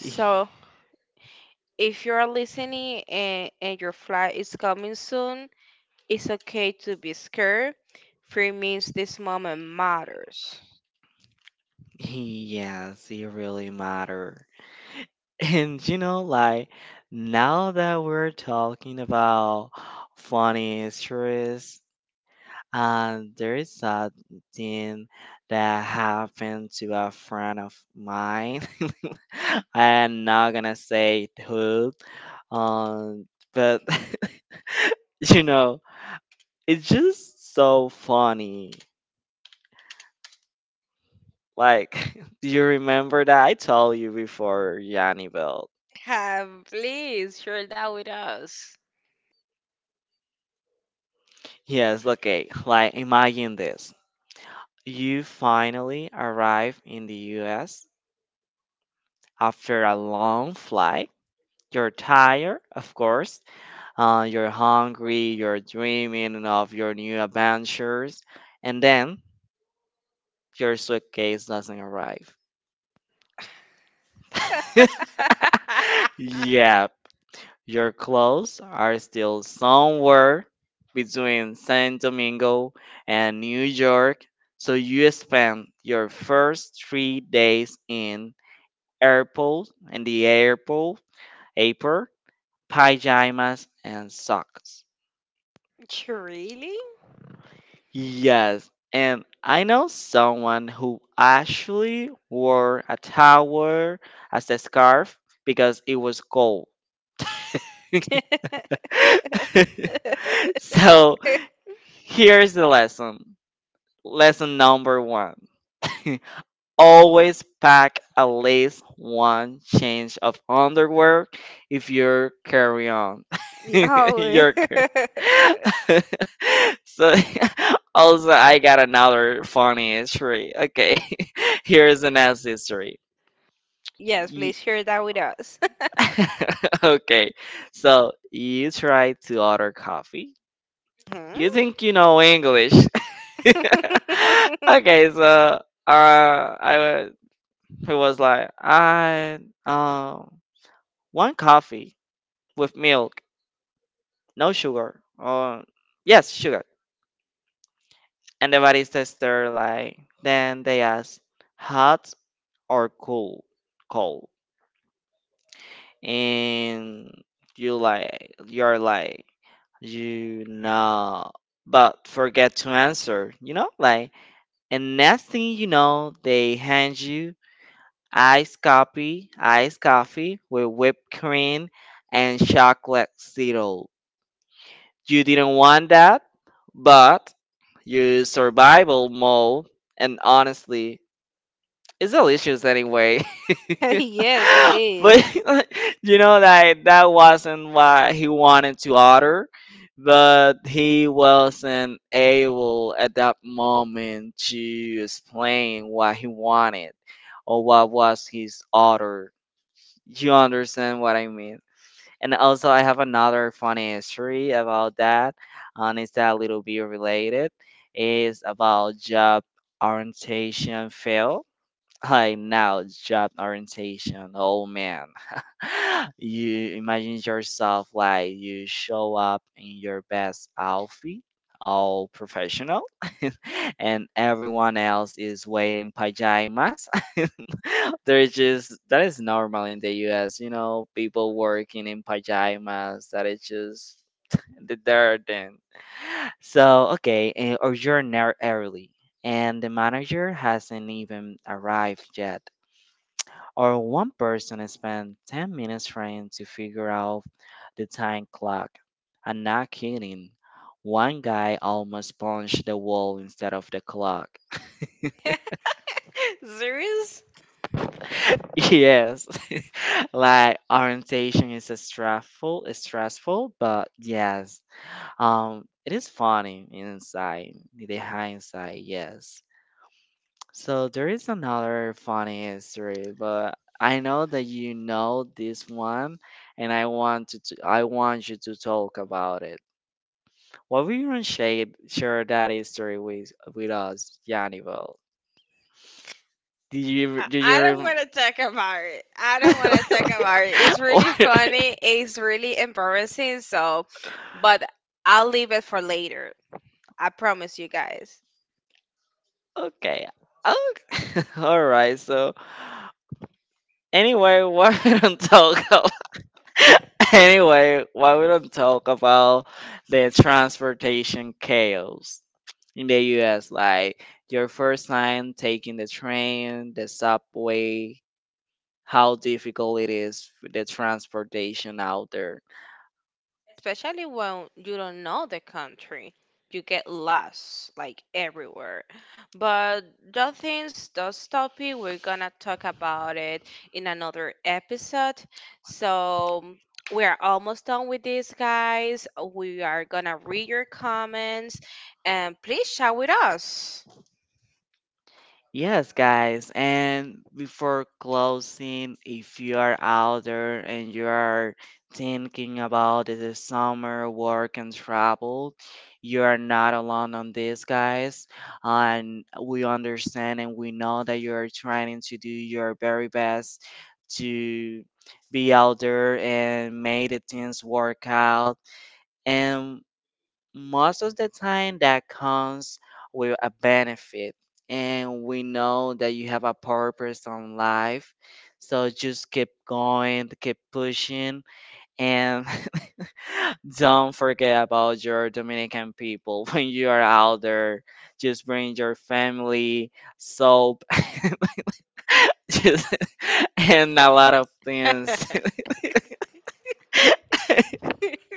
[SPEAKER 1] [LAUGHS] Y-
[SPEAKER 2] if you're listening and your flight is coming soon, it's okay to be scared. Fear means this moment matters.
[SPEAKER 1] Yes, it really matter. [LAUGHS] And you know, like now that we're talking about funny stories, there is something that happened to a friend of mine. [LAUGHS] I am not gonna say who, um, but [LAUGHS] [LAUGHS] you know it's just so funny like [LAUGHS] do you remember that I told you before, Yanni Belt?
[SPEAKER 2] Have please share that with us.
[SPEAKER 1] Yes, okay, like imagine this. You finally arrive in the US after a long flight. You're tired, of course. You're hungry, you're dreaming of your new adventures, and then your suitcase doesn't arrive. [LAUGHS]
[SPEAKER 2] [LAUGHS]
[SPEAKER 1] Yeah. Your clothes are still somewhere between San Domingo and New York, so you spent your first 3 days in airport in the airport, apron, pajamas, and socks.
[SPEAKER 2] Really?
[SPEAKER 1] Yes, and I know someone who actually wore a towel as a scarf because it was cold.
[SPEAKER 2] [LAUGHS]
[SPEAKER 1] [LAUGHS] So here's the lesson. Lesson number one. [LAUGHS] Always pack at least one change of underwear if you're carry on. [LAUGHS]
[SPEAKER 2] Oh.
[SPEAKER 1] you're car- [LAUGHS] so [LAUGHS] also I got another funny history. Okay, [LAUGHS] here is the next history.
[SPEAKER 2] [LAUGHS] Yes,
[SPEAKER 1] Ye-
[SPEAKER 2] please share that with us. [LAUGHS]
[SPEAKER 1] [LAUGHS] okay, so you try to order coffee. You
[SPEAKER 2] Hmm?
[SPEAKER 1] think you know English. [LAUGHS] Okay, so I was, he was like, I um one coffee with milk, no sugar, or yes, sugar. And the body tester like, then they asked, hot or cold, and you like, you're like, you know, but forget to answer, you know, like, and next thing you know, they hand you iced coffee with whipped cream and chocolate syrup. You didn't want that, but your survival mode, and honestly, it's delicious anyway.
[SPEAKER 2] [LAUGHS]
[SPEAKER 1] [LAUGHS]
[SPEAKER 2] Yes, it is.
[SPEAKER 1] But [LAUGHS] you know that that wasn't what he wanted to order, but he wasn't able at that moment to explain what he wanted or what was his order. You understand what I mean. And also, I have another funny history about that, and it's a little bit related. Is about job orientation fail. I know, job orientation. Oh man, [LAUGHS] you imagine yourself like you show up in your best outfit, all professional, [LAUGHS] and everyone else is wearing pajamas. [LAUGHS] They're just, that is normal in the US, you know, people working in pajamas. That is just the dirt then. So okay, eh, or you're early, and the manager hasn't even arrived yet. Or one person spent 10 minutes trying to figure out the time clock. I'm not kidding. One guy almost punched the wall instead of the clock.
[SPEAKER 2] [LAUGHS] Serious?
[SPEAKER 1] [LAUGHS] Yes. [LAUGHS] Like orientation is is stressful, but yes. It is funny inside, in the hindsight, yes. So there is another funny history, but I know that you know this one, and I want to, I want you to talk about it. Why will you don't share that history with us, Yannibal?
[SPEAKER 2] I
[SPEAKER 1] Did you
[SPEAKER 2] I don't
[SPEAKER 1] ever?
[SPEAKER 2] want to talk about it. I don't want to talk
[SPEAKER 1] [LAUGHS]
[SPEAKER 2] about it. It's
[SPEAKER 1] Or-
[SPEAKER 2] really funny. It's really embarrassing. So, but I'll leave it for later. I promise you guys.
[SPEAKER 1] okay. Oh, [LAUGHS] all right. So anyway, why we don't talk about [LAUGHS] anyway, why we don't talk about the transportation chaos in the U.S.? Like your first time taking the train, the subway, how difficult it is for the transportation out there.
[SPEAKER 2] Especially when you don't know the country, you get lost like everywhere. But the things, those topic we're gonna talk about it in another episode. So we are almost done with this, guys. We are gonna read your comments and please share with us.
[SPEAKER 1] Yes, guys. And before closing, if you are out there and you are thinking about the summer work and travel, you are not alone on this, guys. And we understand and we know that you are trying to do your very best to be out there and make the things work out. And most of the time that comes with a benefit, and we know that you have a purpose on life, so just keep going, keep pushing, and [LAUGHS] don't forget about your Dominican people [LAUGHS] when you are out there, just bring your family, soap, [LAUGHS] just, and a lot of things.
[SPEAKER 2] [LAUGHS]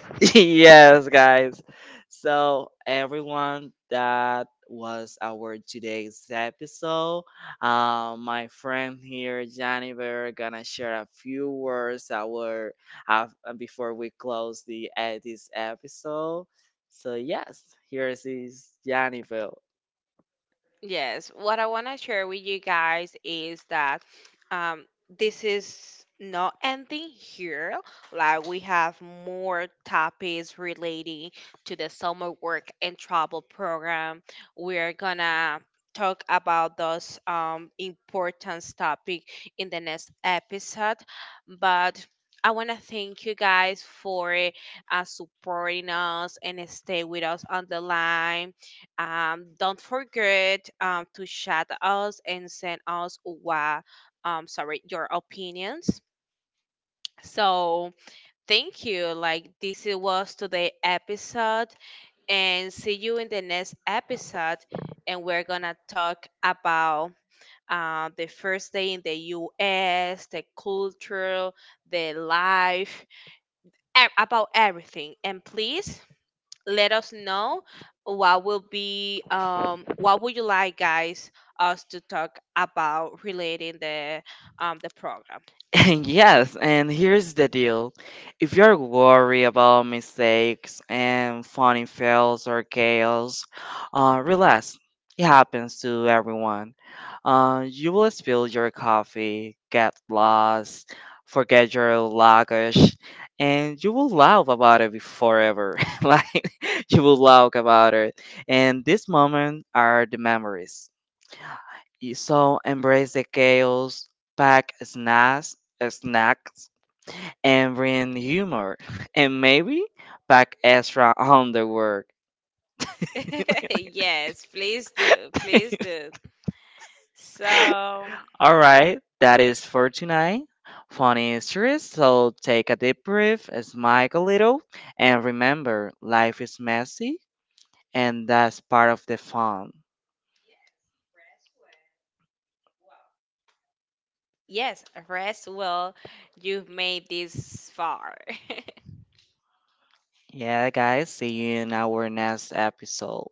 [SPEAKER 1] [LAUGHS] Yes, guys. So, everyone, that was our today's episode. My friend here, Jennifer, gonna share a few words our uh, before we close the this episode. So, yes, here's is Jennifer.
[SPEAKER 2] Yes, what I want to share with you guys is that um, this is not ending here. Like, we have more topics relating to the summer work and travel program. We're gonna talk about those important topic in the next episode. But I want to thank you guys for supporting us and stay with us on the line. Don't forget to chat us and send us your opinions. So thank you. Like this it was today episode, and see you in the next episode. And we're gonna talk about the first day in the U.S., the culture, the life, about everything. And please let us know what will be what would you like guys us to talk about relating the program.
[SPEAKER 1] [LAUGHS] Yes, and here's the deal. If you're worried about mistakes and funny fails or chaos, relax. It happens to everyone. You will spill your coffee, get lost, forget your luggage, and you will laugh about it forever. [LAUGHS] Like, you will laugh about it. And these moments are the memories. So embrace the chaos, pack snacks, and bring humor, [LAUGHS] and maybe pack extra underwear. [LAUGHS]
[SPEAKER 2] [LAUGHS] Yes, please do, please do. So
[SPEAKER 1] All right, that is for tonight. Funny stories, so take a deep breath, smile a little, and remember, life is messy, and that's part of the fun.
[SPEAKER 2] yes, rest well. You've made this far.
[SPEAKER 1] Yeah, guys, see you in our next episode.